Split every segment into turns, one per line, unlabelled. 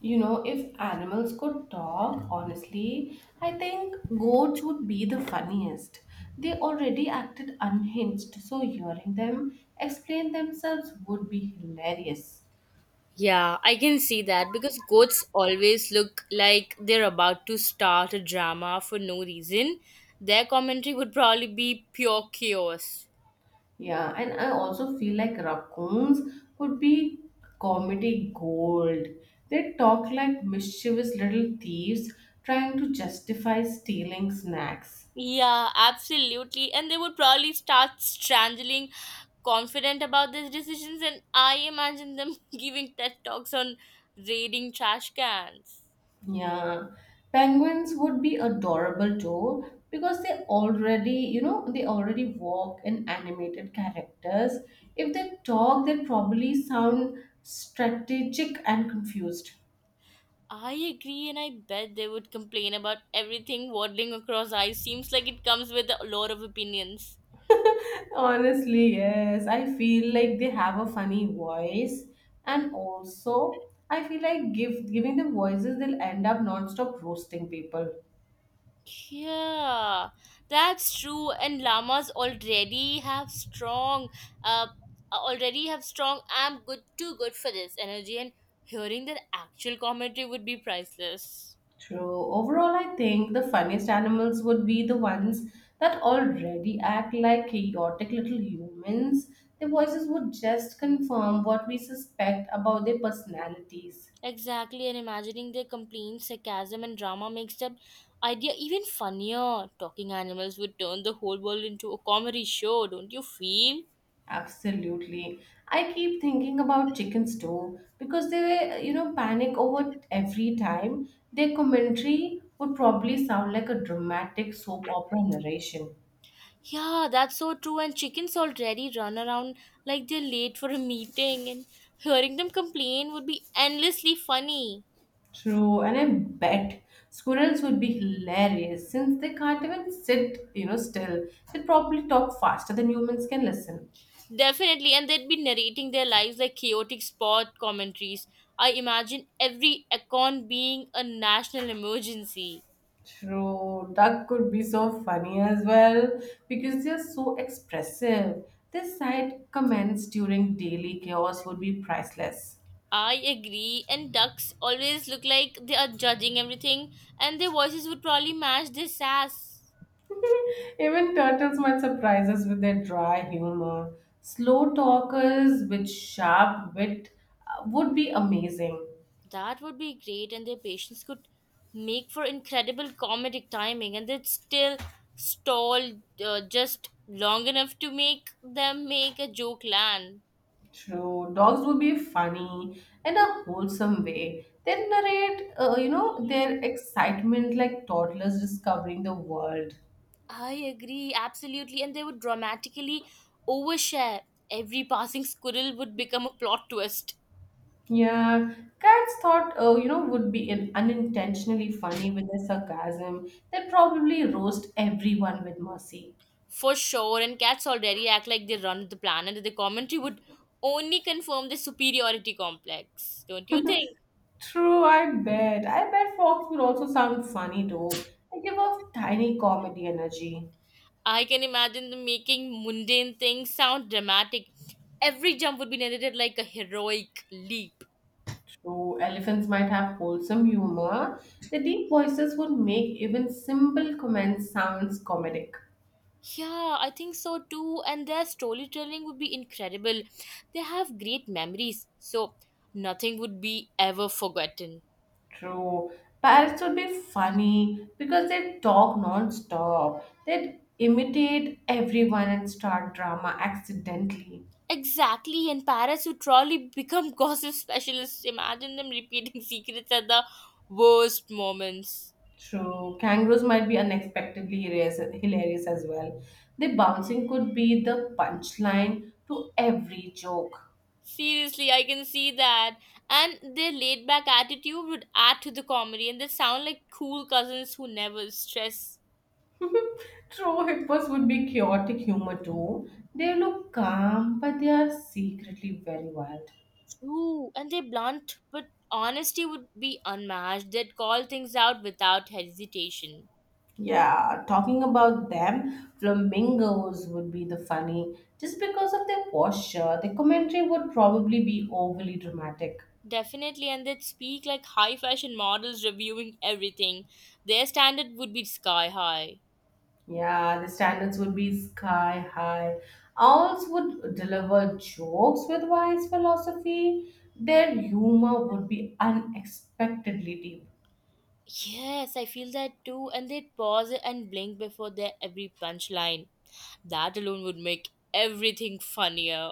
You know, if animals could talk, honestly, I think goats would be the funniest. They already acted unhinged, so hearing them explain themselves would be hilarious.
Yeah, I can see that because goats always look like they're about to start a drama for no reason. Their commentary would probably be pure chaos.
Yeah, and I also feel like raccoons would be comedy gold. They talk like mischievous little thieves trying to justify stealing snacks.
Yeah, absolutely. And they would probably start strangling confident about their decisions, and I imagine them giving TED Talks on raiding trash cans.
Yeah, penguins would be adorable too because they already, they already walk in animated characters. If they talk, they probably sound strategic and confused.
I agree, and I bet they would complain about everything waddling across ice. Seems like it comes with a lot of opinions.
Honestly, yes, I feel like they have a funny voice, and also I feel like give giving them voices, they'll end up non-stop roasting people.
Yeah, that's true. And llamas already have uh, already have strong. I'm good, too good for this energy. And hearing their actual commentary would be priceless.
True. Overall, I think the funniest animals would be the ones that already act like chaotic little humans. Their voices would just confirm what we suspect about their personalities.
Exactly, and imagining their complaints, sarcasm, and drama makes the idea even funnier. Talking animals would turn the whole world into a comedy show, don't you feel?
Absolutely. I keep thinking about chickens too because they, were, panic over every time. Their commentary would probably sound like a dramatic soap opera narration.
Yeah, that's so true. And chickens already run around like they're late for a meeting, and hearing them complain would be endlessly funny.
True, and I bet squirrels would be hilarious since they can't even sit, still. They probably talk faster than humans can listen.
Definitely, and they'd be narrating their lives like chaotic sport commentaries. I imagine every acorn being a national emergency.
True, duck could be so funny as well because they are so expressive. Their side comments during daily chaos would be priceless.
I agree, and ducks always look like they are judging everything, and their voices would probably match their sass.
Even turtles might surprise us with their dry humor. Slow talkers with sharp wit would be amazing.
That would be great, and their patience could make for incredible comedic timing, and they'd still stall just long enough to make them make a joke land.
True. Dogs would be funny in a wholesome way. They narrate their excitement like toddlers discovering the world.
I agree, absolutely, and they would dramatically overshare. Every passing squirrel would become a plot twist
Yeah, cats thought would be in unintentionally funny with their sarcasm. They'd probably roast everyone with mercy.
for sure, and cats already act like they run the planet, and the commentary would only confirm their superiority complex, don't you think?
True, I bet frogs would also sound funny though. They give off tiny comedy energy.
I can imagine them making mundane things sound dramatic. Every jump would be narrated like a heroic leap.
True, elephants might have wholesome humor. Their deep voices would make even simple comments sounds comedic.
Yeah, I think so too. And their storytelling would be incredible. They have great memories, so nothing would be ever forgotten.
True. Parrots would be funny because they talk non-stop. They'd imitate everyone and start drama accidentally.
Exactly, and Paris would probably become gossip specialists. Imagine them repeating secrets at the worst moments.
True. Kangaroos might be unexpectedly hilarious as well. Their bouncing could be the punchline to every joke.
Seriously, I can see that. And their laid back attitude would add to the comedy, and they sound like cool cousins who never stress.
True hippos would be chaotic humor too. They look calm, but they are secretly very wild.
True, and they're blunt, but honesty would be unmatched. They'd call things out without hesitation.
Yeah, talking about them, flamingos would be the funny. Just because of their posture, the commentary would probably be overly dramatic.
Definitely, and they'd speak like high fashion models reviewing everything. Their standard would be sky high.
Yeah, the standards would be sky high. Owls would deliver jokes with wise philosophy. Their humor would be unexpectedly deep.
Yes, I feel that too. And they'd pause and blink before their every punchline. That alone would make everything funnier.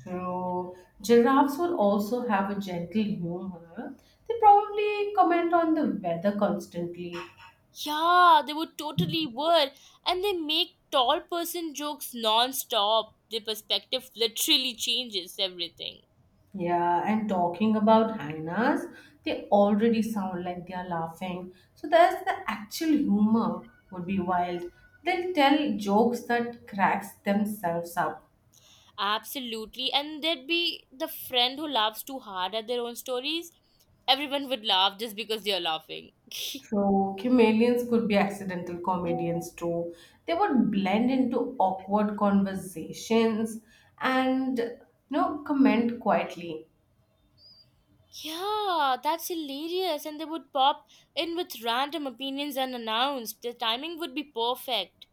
True. Giraffes will also have a gentle humor. They probably comment on the weather constantly.
Yeah, they would totally were. And they make tall person jokes non-stop. Their perspective literally changes everything.
Yeah, and talking about hyenas, they already sound like they are laughing. So there's the actual humor would be wild. They'll tell jokes that cracks themselves up.
Absolutely. And there'd be the friend who laughs too hard at their own stories. Everyone would laugh just because they're laughing.
True. Chameleons could be accidental comedians too. They would blend into awkward conversations and comment quietly.
Yeah, that's hilarious. And they would pop in with random opinions unannounced. The timing would be perfect.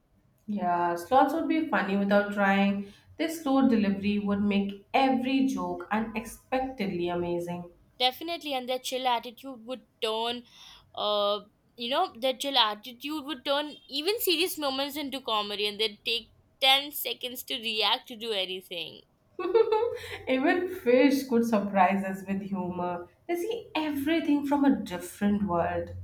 Yeah, slots would be funny without trying. This slow delivery would make every joke unexpectedly amazing.
Definitely, and their chill attitude would uh, their chill attitude would turn even serious moments into comedy, and they'd take 10 seconds to react to do anything.
Even fish could surprise us with humor. They see everything from a different world.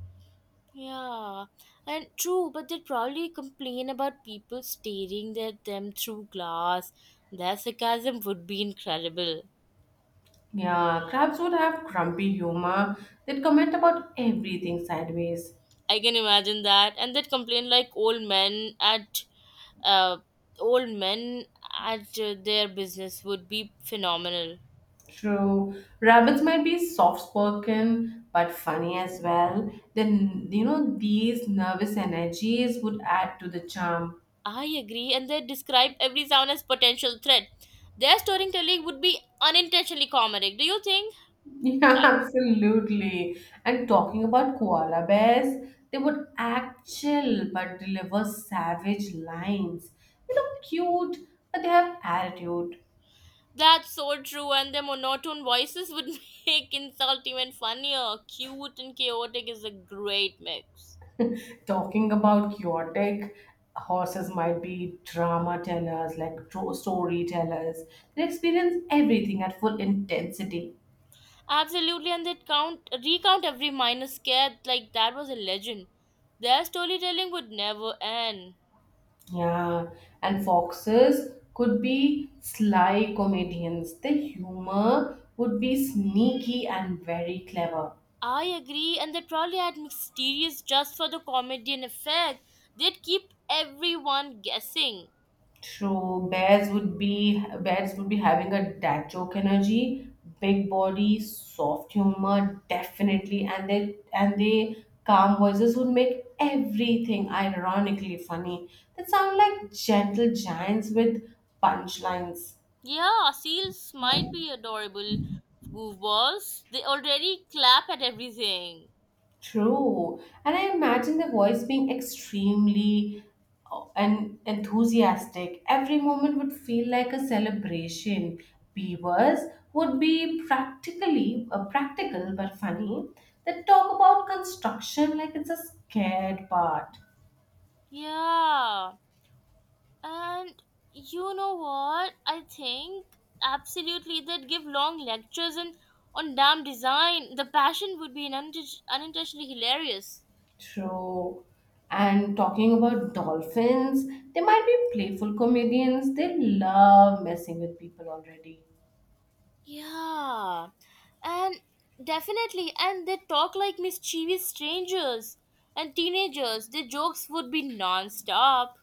Yeah, and true, but they'd probably complain about people staring at them through glass. Their sarcasm would be incredible.
Yeah, crabs would have grumpy humor. They'd comment about everything sideways.
I can imagine that. And they'd complain like uh, old men at their business would be phenomenal.
True. Rabbits might be soft-spoken but funny as well. Then these nervous energies would add to the charm.
I agree, and they describe every sound as potential threat. Their storytelling would be unintentionally comedic. Do you think
Yeah, absolutely. And talking about koala bears, they would act chill but deliver savage lines. They look cute, but they have attitude.
that's so true? And their monotone voices would make insult even funnier. Cute and chaotic is a great mix.
Talking about chaotic, horses might be drama tellers, like true storytellers. They experience everything at full intensity.
Absolutely, and they count recount every minor scare like that was a legend. Their storytelling would never end.
Yeah, and foxes could be sly comedians. The humor would be sneaky and very clever.
I agree, and they probably had mysterious just for the comedian effect. They'd keep everyone guessing.
True, bears would be having a dad joke energy, big body, soft humor, definitely, and they calm voices would make everything ironically funny. They sound like gentle giants with punchlines.
Yeah, seals might be adorable goofballs. They already clap at everything.
True. And I imagine the voice being extremely enthusiastic. Every moment would feel like a celebration. Beavers would be practical but funny. They talk about construction like it's a scared part.
Yeah. And you know what? I think absolutely they'd give long lectures and on dam design. The passion would be an unintentionally hilarious.
True. And talking about dolphins, they might be playful comedians. They love messing with people already.
Yeah. And definitely and they talk like mischievous strangers and teenagers. Their jokes would be non-stop.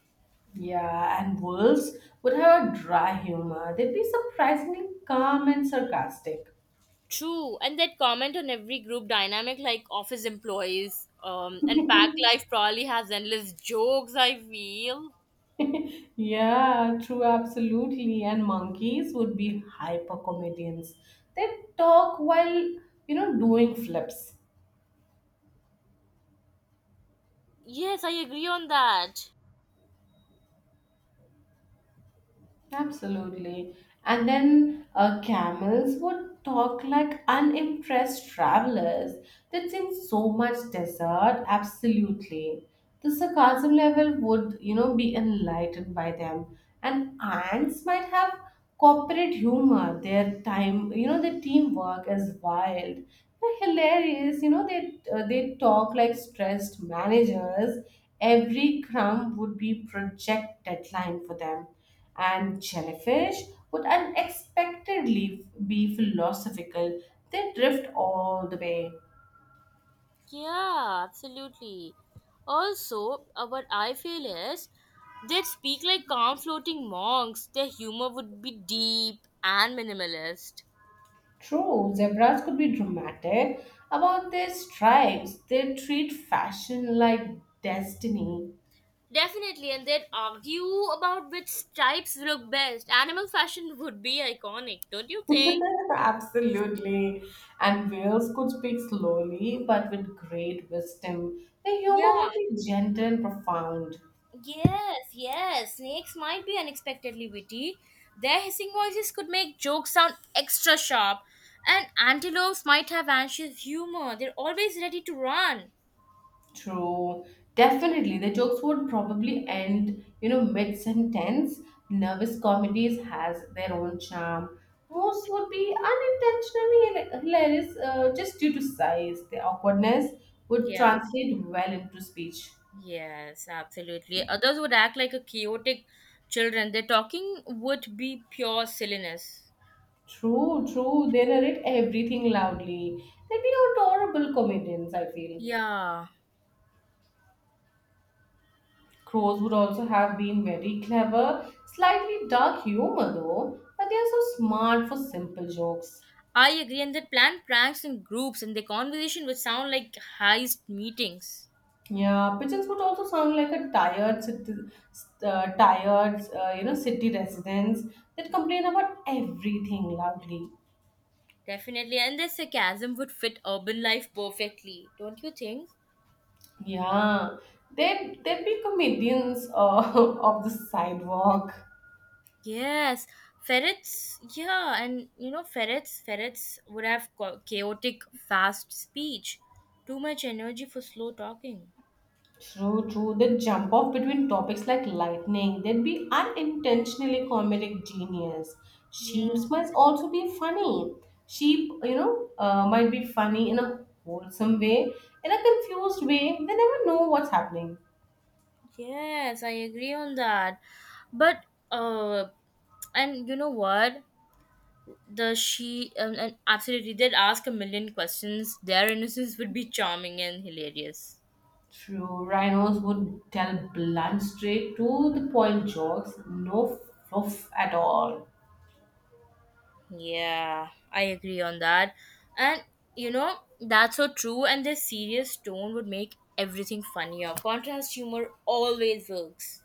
Yeah, and wolves would have a dry humor. They'd be surprisingly calm and sarcastic.
True, and that comment on every group dynamic, like office employees, and pack life probably has endless jokes. I feel.
yeah, true, absolutely. And monkeys would be hyper comedians. They talk while, doing flips.
Yes, I agree on that.
Absolutely. And then camels would talk like unimpressed travelers. They'd seen so much desert. Absolutely. The sarcasm level would, be enlightened by them. And ants might have corporate humor, their time, their teamwork is wild. They're hilarious. You know, they talk like stressed managers. Every crumb would be project deadline for them. And jellyfish would unexpectedly be philosophical. They drift all the way.
Yeah, absolutely. Also, what I feel is they'd speak like calm floating monks. Their humor would be deep and minimalist.
True, zebras could be dramatic about their stripes. They treat fashion like destiny.
Definitely, and they'd argue about which stripes look best. Animal fashion would be iconic, don't you think?
Absolutely. And whales could speak slowly but with great wisdom. Their humor would
Yeah,
be gentle and profound.
yes, Snakes might be unexpectedly witty. Their hissing voices could make jokes sound extra sharp. And antelopes might have anxious humor. They're always ready to run.
True. Definitely. The jokes would probably end, mid sentence. Nervous comedies has their own charm. Most would be unintentionally hilarious just due to size. Their awkwardness would
Yeah,
translate well into speech.
yes, absolutely. Others would act like a chaotic children. Their talking would be pure silliness.
True, true. They narrate everything loudly. They'd be adorable comedians, I feel.
Yeah,
Crows would also have been very clever, slightly dark humor though, but they are so smart for simple jokes.
I agree. And they plan pranks in groups, and their conversation would sound like heist meetings.
Yeah, pigeons would also sound like a tired, city residents that complain about everything loudly.
Definitely, and the sarcasm would fit urban life perfectly, don't you think?
Yeah, they'd be comedians of the sidewalk.
Yes, ferrets, yeah, and you know, ferrets, ferrets would have chaotic, fast speech, too much energy for slow talking.
True, true. The jump off between topics like lightning, they'd be unintentionally comedic genius.
Yeah.
Sheeps must also be funny. Sheep might be funny in a wholesome way, in a confused way. They never know what's happening.
Yes, I agree on that. But uh, and you know what? The she and absolutely, they'd ask a million questions. Their innocence would be charming and hilarious.
True, rhinos would tell blunt, straight to the point jokes, no fluff at all.
Yeah, I agree on that. And you know, that's so true, and the serious tone would make everything funnier. Contrast humor always works.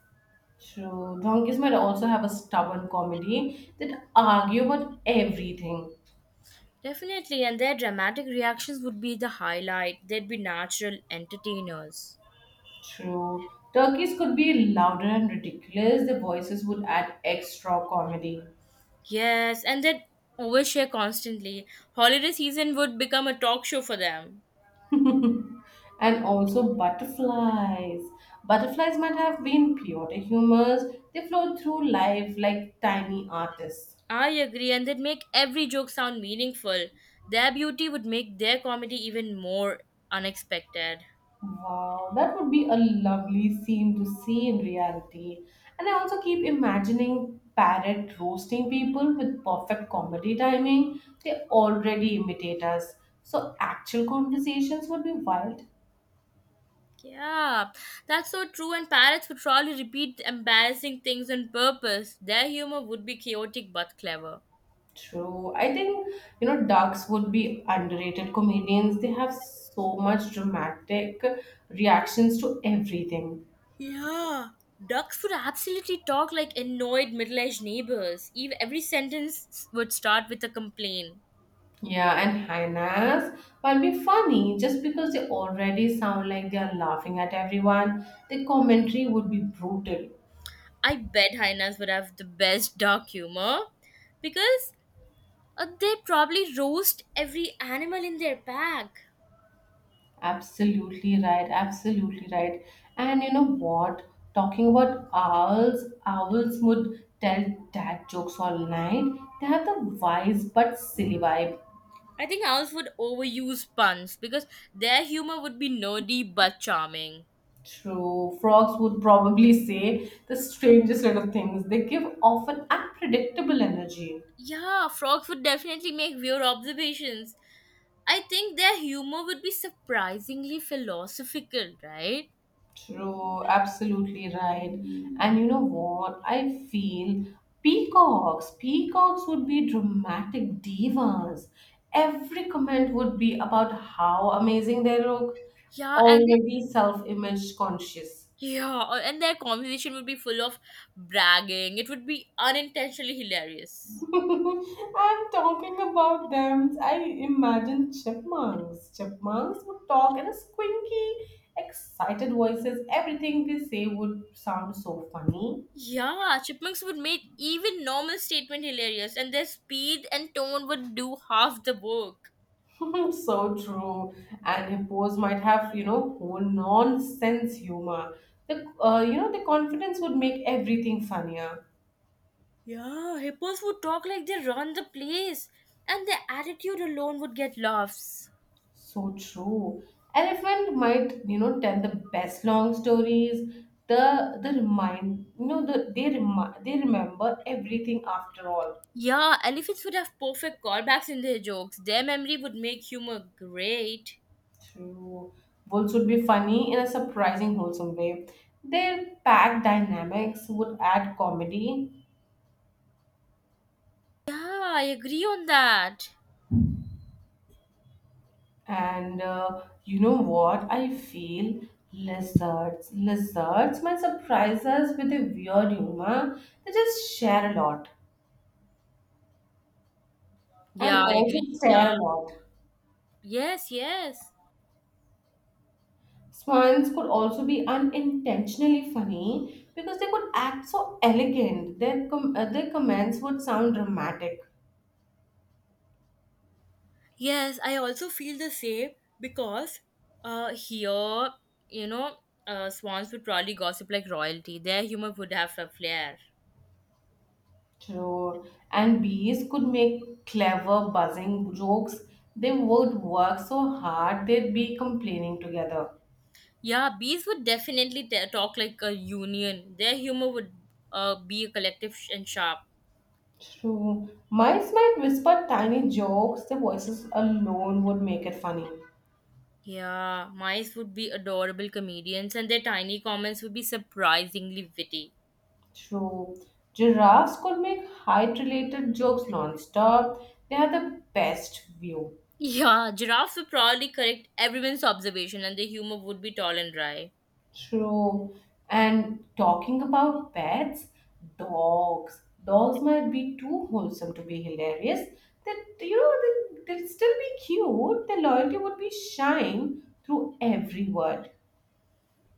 True, donkeys might also have a stubborn comedy that argue about everything.
Definitely, and their dramatic reactions would be the highlight. They'd be natural entertainers.
True. Turkeys could be louder and ridiculous. Their voices would add extra comedy.
Yes, and they'd overshare constantly. Holiday season would become a talk show for them.
and also butterflies. Butterflies might have been pure humors. They float through life like tiny artists.
I agree, and they'd make every joke sound meaningful. Their beauty would make their comedy even more unexpected.
Wow, that would be a lovely scene to see in reality. And I also keep imagining parrot roasting people with perfect comedy timing. They already imitate us. So actual conversations would be wild.
Yeah, that's so true. And parrots would probably repeat embarrassing things on purpose. Their humor would be chaotic but clever.
True. I think, ducks would be underrated comedians. They have so much dramatic reactions to everything.
Yeah. Ducks would absolutely talk like annoyed middle aged neighbors. Even every sentence would start with a complaint.
Yeah, and hyenas while be funny just because they already sound like they are laughing at everyone. The commentary would be brutal.
I bet hyenas would have the best duck humor because they probably roast every animal in their pack.
Absolutely right. Absolutely right. And you know what? Talking about owls, owls would tell dad jokes all night. They have the wise but silly vibe.
I think owls would overuse puns because their humor would be nerdy but charming.
True. Frogs would probably say the strangest sort of things. They give off an unpredictable energy.
Yeah, frogs would definitely make weird observations. I think their humor would be surprisingly philosophical, right?
True. Absolutely right. And you know what? I feel Peacocks would be dramatic divas. Every comment would be about how amazing they look,
Yeah, and they-
already self image conscious.
yeah, uh, and their conversation would be full of bragging. It would be unintentionally hilarious.
I'm talking about them. I imagine chipmunks. Chipmunks would talk in a squeaky, excited voices. Everything they say would sound so funny.
Yeah, chipmunks would make even normal statement hilarious, and their speed and tone would do half the work.
so true. And hippos might have, whole nonsense humor. The confidence would make everything funnier.
Yeah, hippos would talk like they run the place, and their attitude alone would get laughs.
So true. Elephant might, tell the best long stories. The remind, you know, the they remi- they remember everything after all.
Yeah, elephants would have perfect callbacks in their jokes. Their memory would make humor great.
True. Wolves would be funny in a surprising wholesome way. Their pack dynamics would add comedy,
Yeah, I agree on that.
and you know what? I feel lizards might surprise us with a weird humor. They just share a lot
Yeah,
and
I
also
agree. Yeah.
stare a lot.
Yes, yes.
Swans could also be unintentionally funny because they could act so elegant. Their comments would sound dramatic.
Yes, I also feel the same because here, you know, swans would probably gossip like royalty. Their humor would have a flair.
True. And bees could make clever buzzing jokes. They would work so hard they'd be complaining together.
Yeah, bees would definitely talk like a union. Their humor would be collective and sharp.
True. Mice might whisper tiny jokes. Their voices alone would make it funny.
Yeah, mice would be adorable comedians, and their tiny comments would be surprisingly witty.
True. Giraffes could make height related jokes non stop. They have the best view.
Yeah, giraffes would probably correct everyone's observation, and their humor would be tall and dry.
True. And talking about pets, Dogs might be too wholesome to be hilarious. That you know, they'll still be cute. Their loyalty would be shine through every word.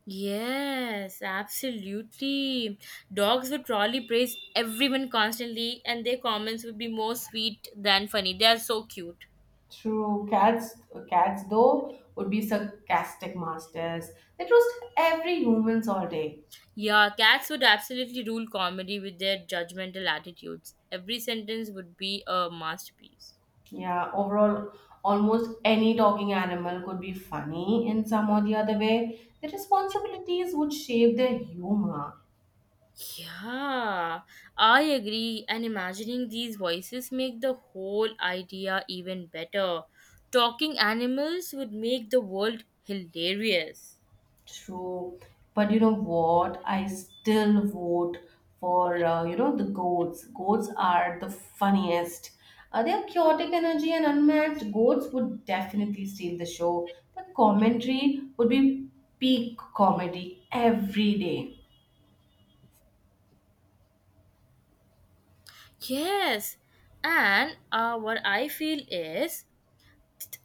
Yes, absolutely. Dogs would probably praise everyone constantly, and their comments would be more sweet than funny. They are so cute.
True. Cats though, would be sarcastic masters. They roast every humans all day.
Yeah, cats would absolutely rule comedy with their judgmental attitudes. Every sentence would be a masterpiece.
Yeah. Overall, almost any talking animal could be funny in some or the other way. The responsibilities would shape their humor.
Yeah, I agree. And imagining these voices make the whole idea even better. Talking animals would make the world hilarious.
True. But you know what? I still vote for, the goats. Goats are the funniest. Their chaotic energy and unmatched goats would definitely steal the show. The commentary would be peak comedy every day.
Yes, and what I feel is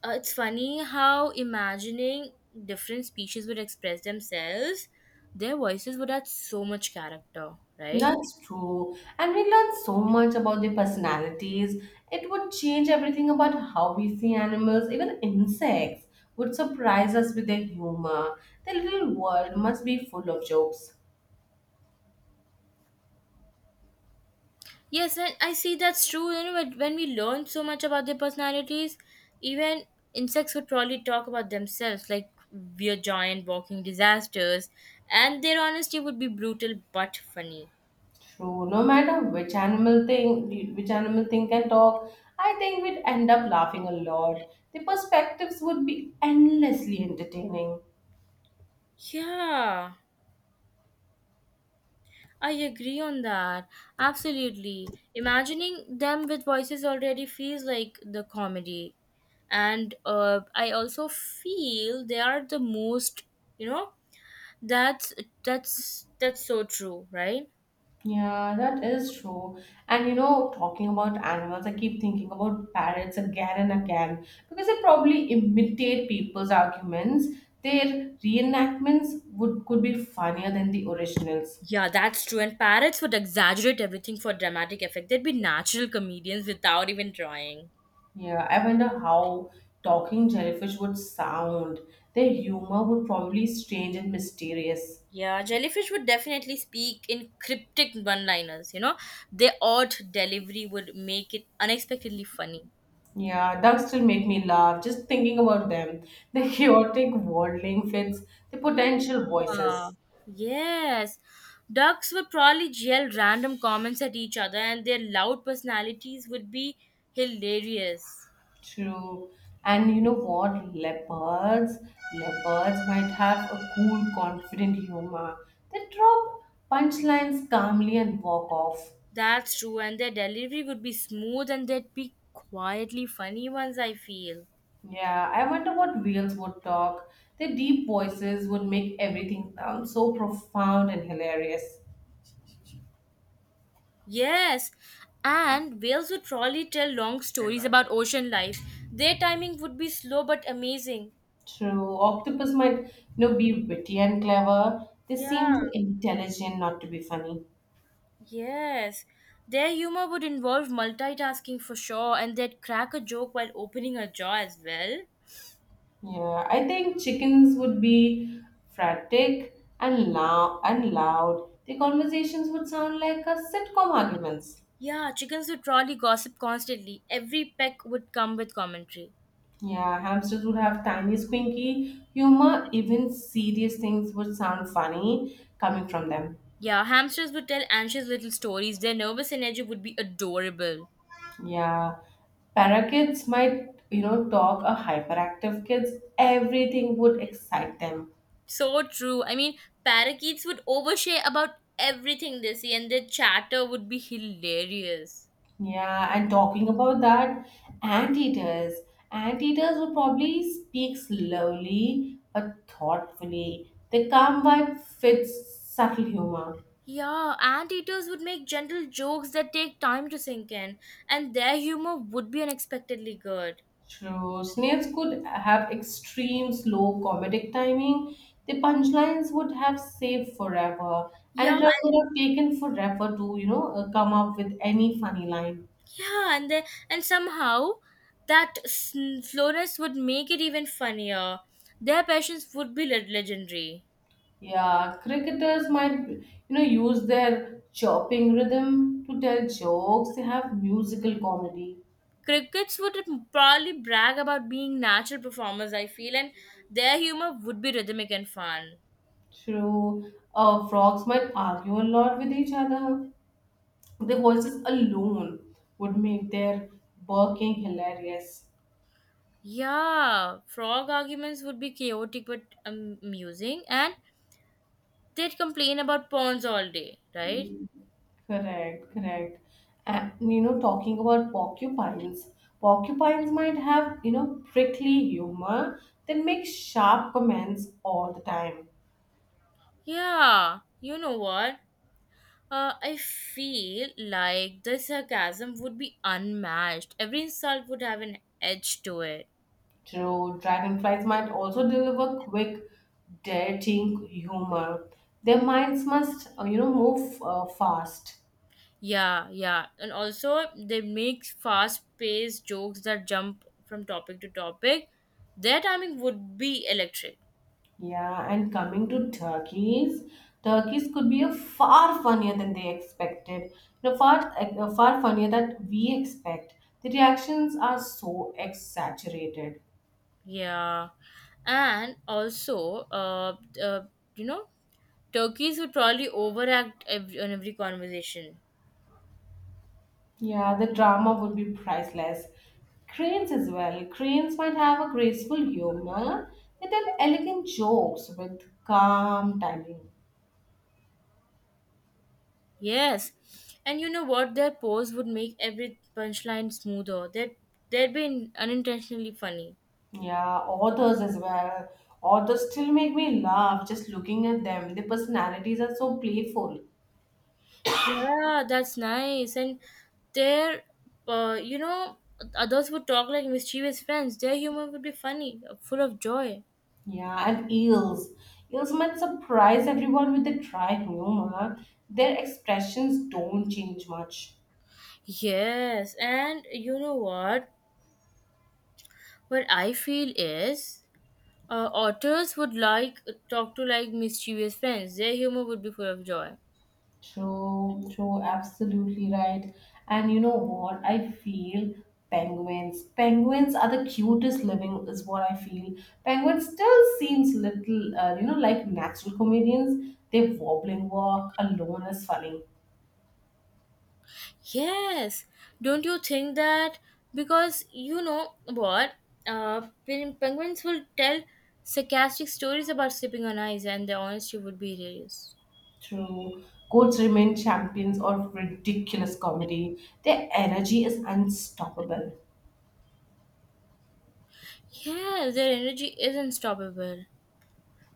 it's funny how imagining different species would express themselves, their voices would add so much character, right?
That's true. And we learn so much about their personalities. It would change everything about how we see animals, even insects would surprise us with their humor. Their little world must be full of jokes.
Yes, and I see that's true. You know, when we learn so much about their personalities, even insects would probably talk about themselves, like we're giant walking disasters, and their honesty would be brutal but funny.
True. No matter which animal thing can talk, I think we'd end up laughing a lot. The perspectives would be endlessly entertaining.
Yeah, I agree on that. Absolutely. Imagining them with voices already feels like the comedy. And I also feel they are the most, you know, that's that's that's so true, right?
Yeah, that is true. And you know, talking about animals, I keep thinking about parrots again and again because they probably imitate people's arguments. Their reenactments would could be funnier than the originals.
Yeah, that's true. And parrots would exaggerate everything for dramatic effect. They'd be natural comedians without even trying.
Yeah, I wonder how talking jellyfish would sound. Their humor would probably strange and mysterious.
Yeah, jellyfish would definitely speak in cryptic one liners, you know. Their odd delivery would make it unexpectedly funny.
Yeah, ducks still make me laugh just thinking about them. The chaotic wordling fits the potential
Yeah.
voices.
Yes. Ducks would probably yell random comments at each other, and their loud personalities would be hilarious.
True. And you know what? Leopards might have a cool, confident humor. They drop punchlines calmly and walk off.
That's true, and their delivery would be smooth and they'd be quietly funny ones, I feel.
Yeah, I wonder what whales would talk. Their deep voices would make everything sound so profound and hilarious.
Yes, and whales would probably tell long stories about ocean life. Their timing would be slow but amazing.
True. Octopus might, you know, be witty and clever. They seem
Yeah.
too intelligent not to be funny.
Yes. Their humor would involve multitasking for sure, and they'd crack a joke while opening a jaw as well.
Yeah, I think chickens would be frantic and loud. The conversations would sound like a sitcom arguments.
Yeah, chickens would probably gossip constantly. Every peck would come with commentary.
Yeah, hamsters would have tiny squinky humor. Even serious things would sound funny coming from them.
Yeah, hamsters would tell anxious little stories. Their nervous energy would be adorable.
Yeah, parakeets might you know talk a hyperactive kids. Everything would excite them.
So true. I mean, parakeets would overshare about everything they see, and their chatter would be hilarious.
Yeah, and talking about that, anteaters. Anteaters will probably speak slowly but thoughtfully. Their calm vibe fits subtle humor.
Yeah, anteaters would make gentle jokes that take time to sink in, and their humor would be unexpectedly good.
True, snails could have extreme slow comedic timing. The punchlines would have saved forever,
Yeah,
and it would
and,
have taken forever to, you know, come up with any funny line.
yeah, and the, and somehow that slowness would make it even funnier. Their passions would be legendary.
Yeah, cricketers might, you know, use their chopping rhythm to tell jokes. They have musical comedy.
Crickets would probably brag about being natural performers, I feel, and their humor would be rhythmic and fun.
True. Frogs might argue a lot with each other. Their voices alone would make their barking hilarious.
Yeah, frog arguments would be chaotic but amusing, and they'd complain about pawns all day, right?
Correct, correct. And you know, talking about porcupines, porcupines might have, you know, prickly humor. They make sharp comments all the time.
Yeah, you know what? I feel like the sarcasm would be unmatched. Every insult would have an edge to it.
True, dragonflies might also deliver quick, darting humor. Their minds must, you know, move fast.
Yeah, yeah, and also they make fast-paced jokes that jump from topic to topic. Their timing would be electric.
Yeah, and coming to turkeys, turkeys could be a far funnier than they expected. You know, far funnier than we expect. The reactions are so exaggerated.
Yeah, and also, uh you know Turkeys would probably overact every, on every conversation.
Yeah, the drama would be priceless. Cranes as well. Cranes might have a graceful humor. They tell elegant jokes with calm timing.
Yes. And you know what? Their pose would make every punchline smoother. They'd be unintentionally funny.
Yeah, authors as well. Authors still make me laugh just looking at them. Their personalities are so playful.
Yeah, that's nice. And their, uh, you know, others would talk like mischievous friends. Their humor would be funny, full of joy.
Yeah, and eels. Eels might surprise everyone with their dry humor. Their expressions don't change much.
Yes, and you know what? What I feel is otters would like talk to like mischievous friends. Their humor would be full of joy.
True, true, absolutely right. And you know what? I feel penguins. Penguins are the cutest living, is what I feel. Penguins still seems little, you know, like natural comedians. Their wobbling walk alone is funny.
Yes, don't you think that? Because you know what? Penguins will tell sarcastic stories about sleeping on ice, and their honesty would be hilarious.
True. Goats remain champions of ridiculous comedy. Their energy is unstoppable.
Yeah, their energy is unstoppable.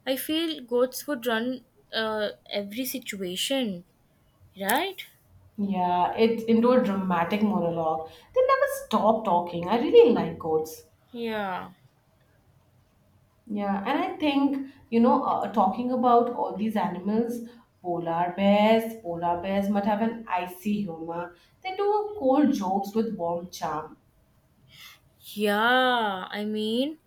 I feel goats would run every situation, right?
Yeah, it into a dramatic monologue. They never stop talking. I really like goats.
Yeah.
Yeah, and I think, you know, talking about all these animals, polar bears must have an icy humor. They do cold jokes with warm charm.
Yeah, I mean,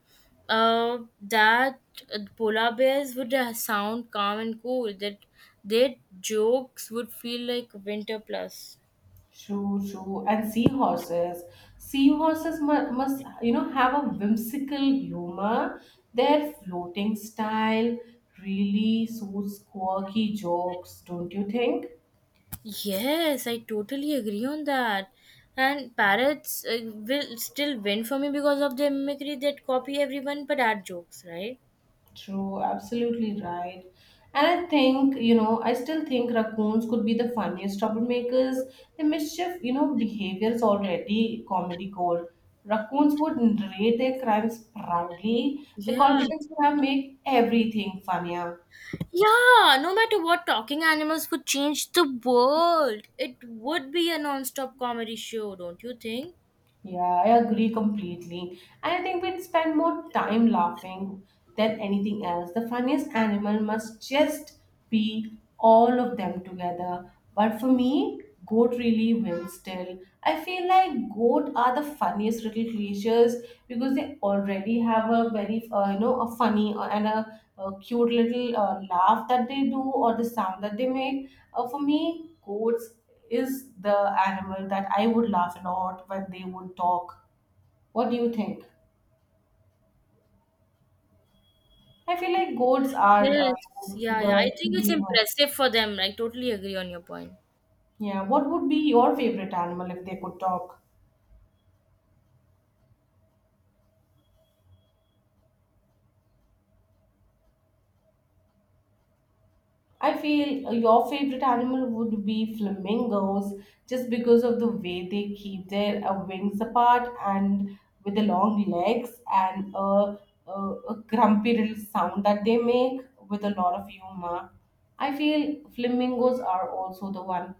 that polar bears would sound calm and cool. That their jokes would feel like winter plus.
True, true. And seahorses. Seahorses must, you know, have a whimsical humor. Their floating style really suits quirky jokes, don't you think?
Yes, I totally agree on that. And parrots will still win for me because of their mimicry. That copy everyone but add jokes, right?
True, absolutely right. And I think, you know, I still think raccoons could be the funniest troublemakers. The mischief, you know, behavior is already comedy gold. Raccoons would narrate their crimes proudly. The
Yeah.
confidence would have make everything funnier.
Yeah, no matter what, talking animals would change the world. It would be a non stop comedy show, don't you think?
Yeah, I agree completely. And I think we'd spend more time laughing than anything else. The funniest animal must just be all of them together. But for me, goat really wins still. I feel like goat are the funniest little creatures because they already have a very you know a funny and a cute little laugh that they do or the sound that they make. For me, goats is the animal that I would laugh a lot when they would talk. What do you think? I feel like goats are
Yes, yeah, yeah.
the
I think it's impressive for them. I totally agree on your point.
Yeah, what would be your favorite animal if they could talk? I feel your favorite animal would be flamingos just because of the way they keep their wings apart and with the long legs and a grumpy little sound that they make with a lot of humor. I feel flamingos are also the one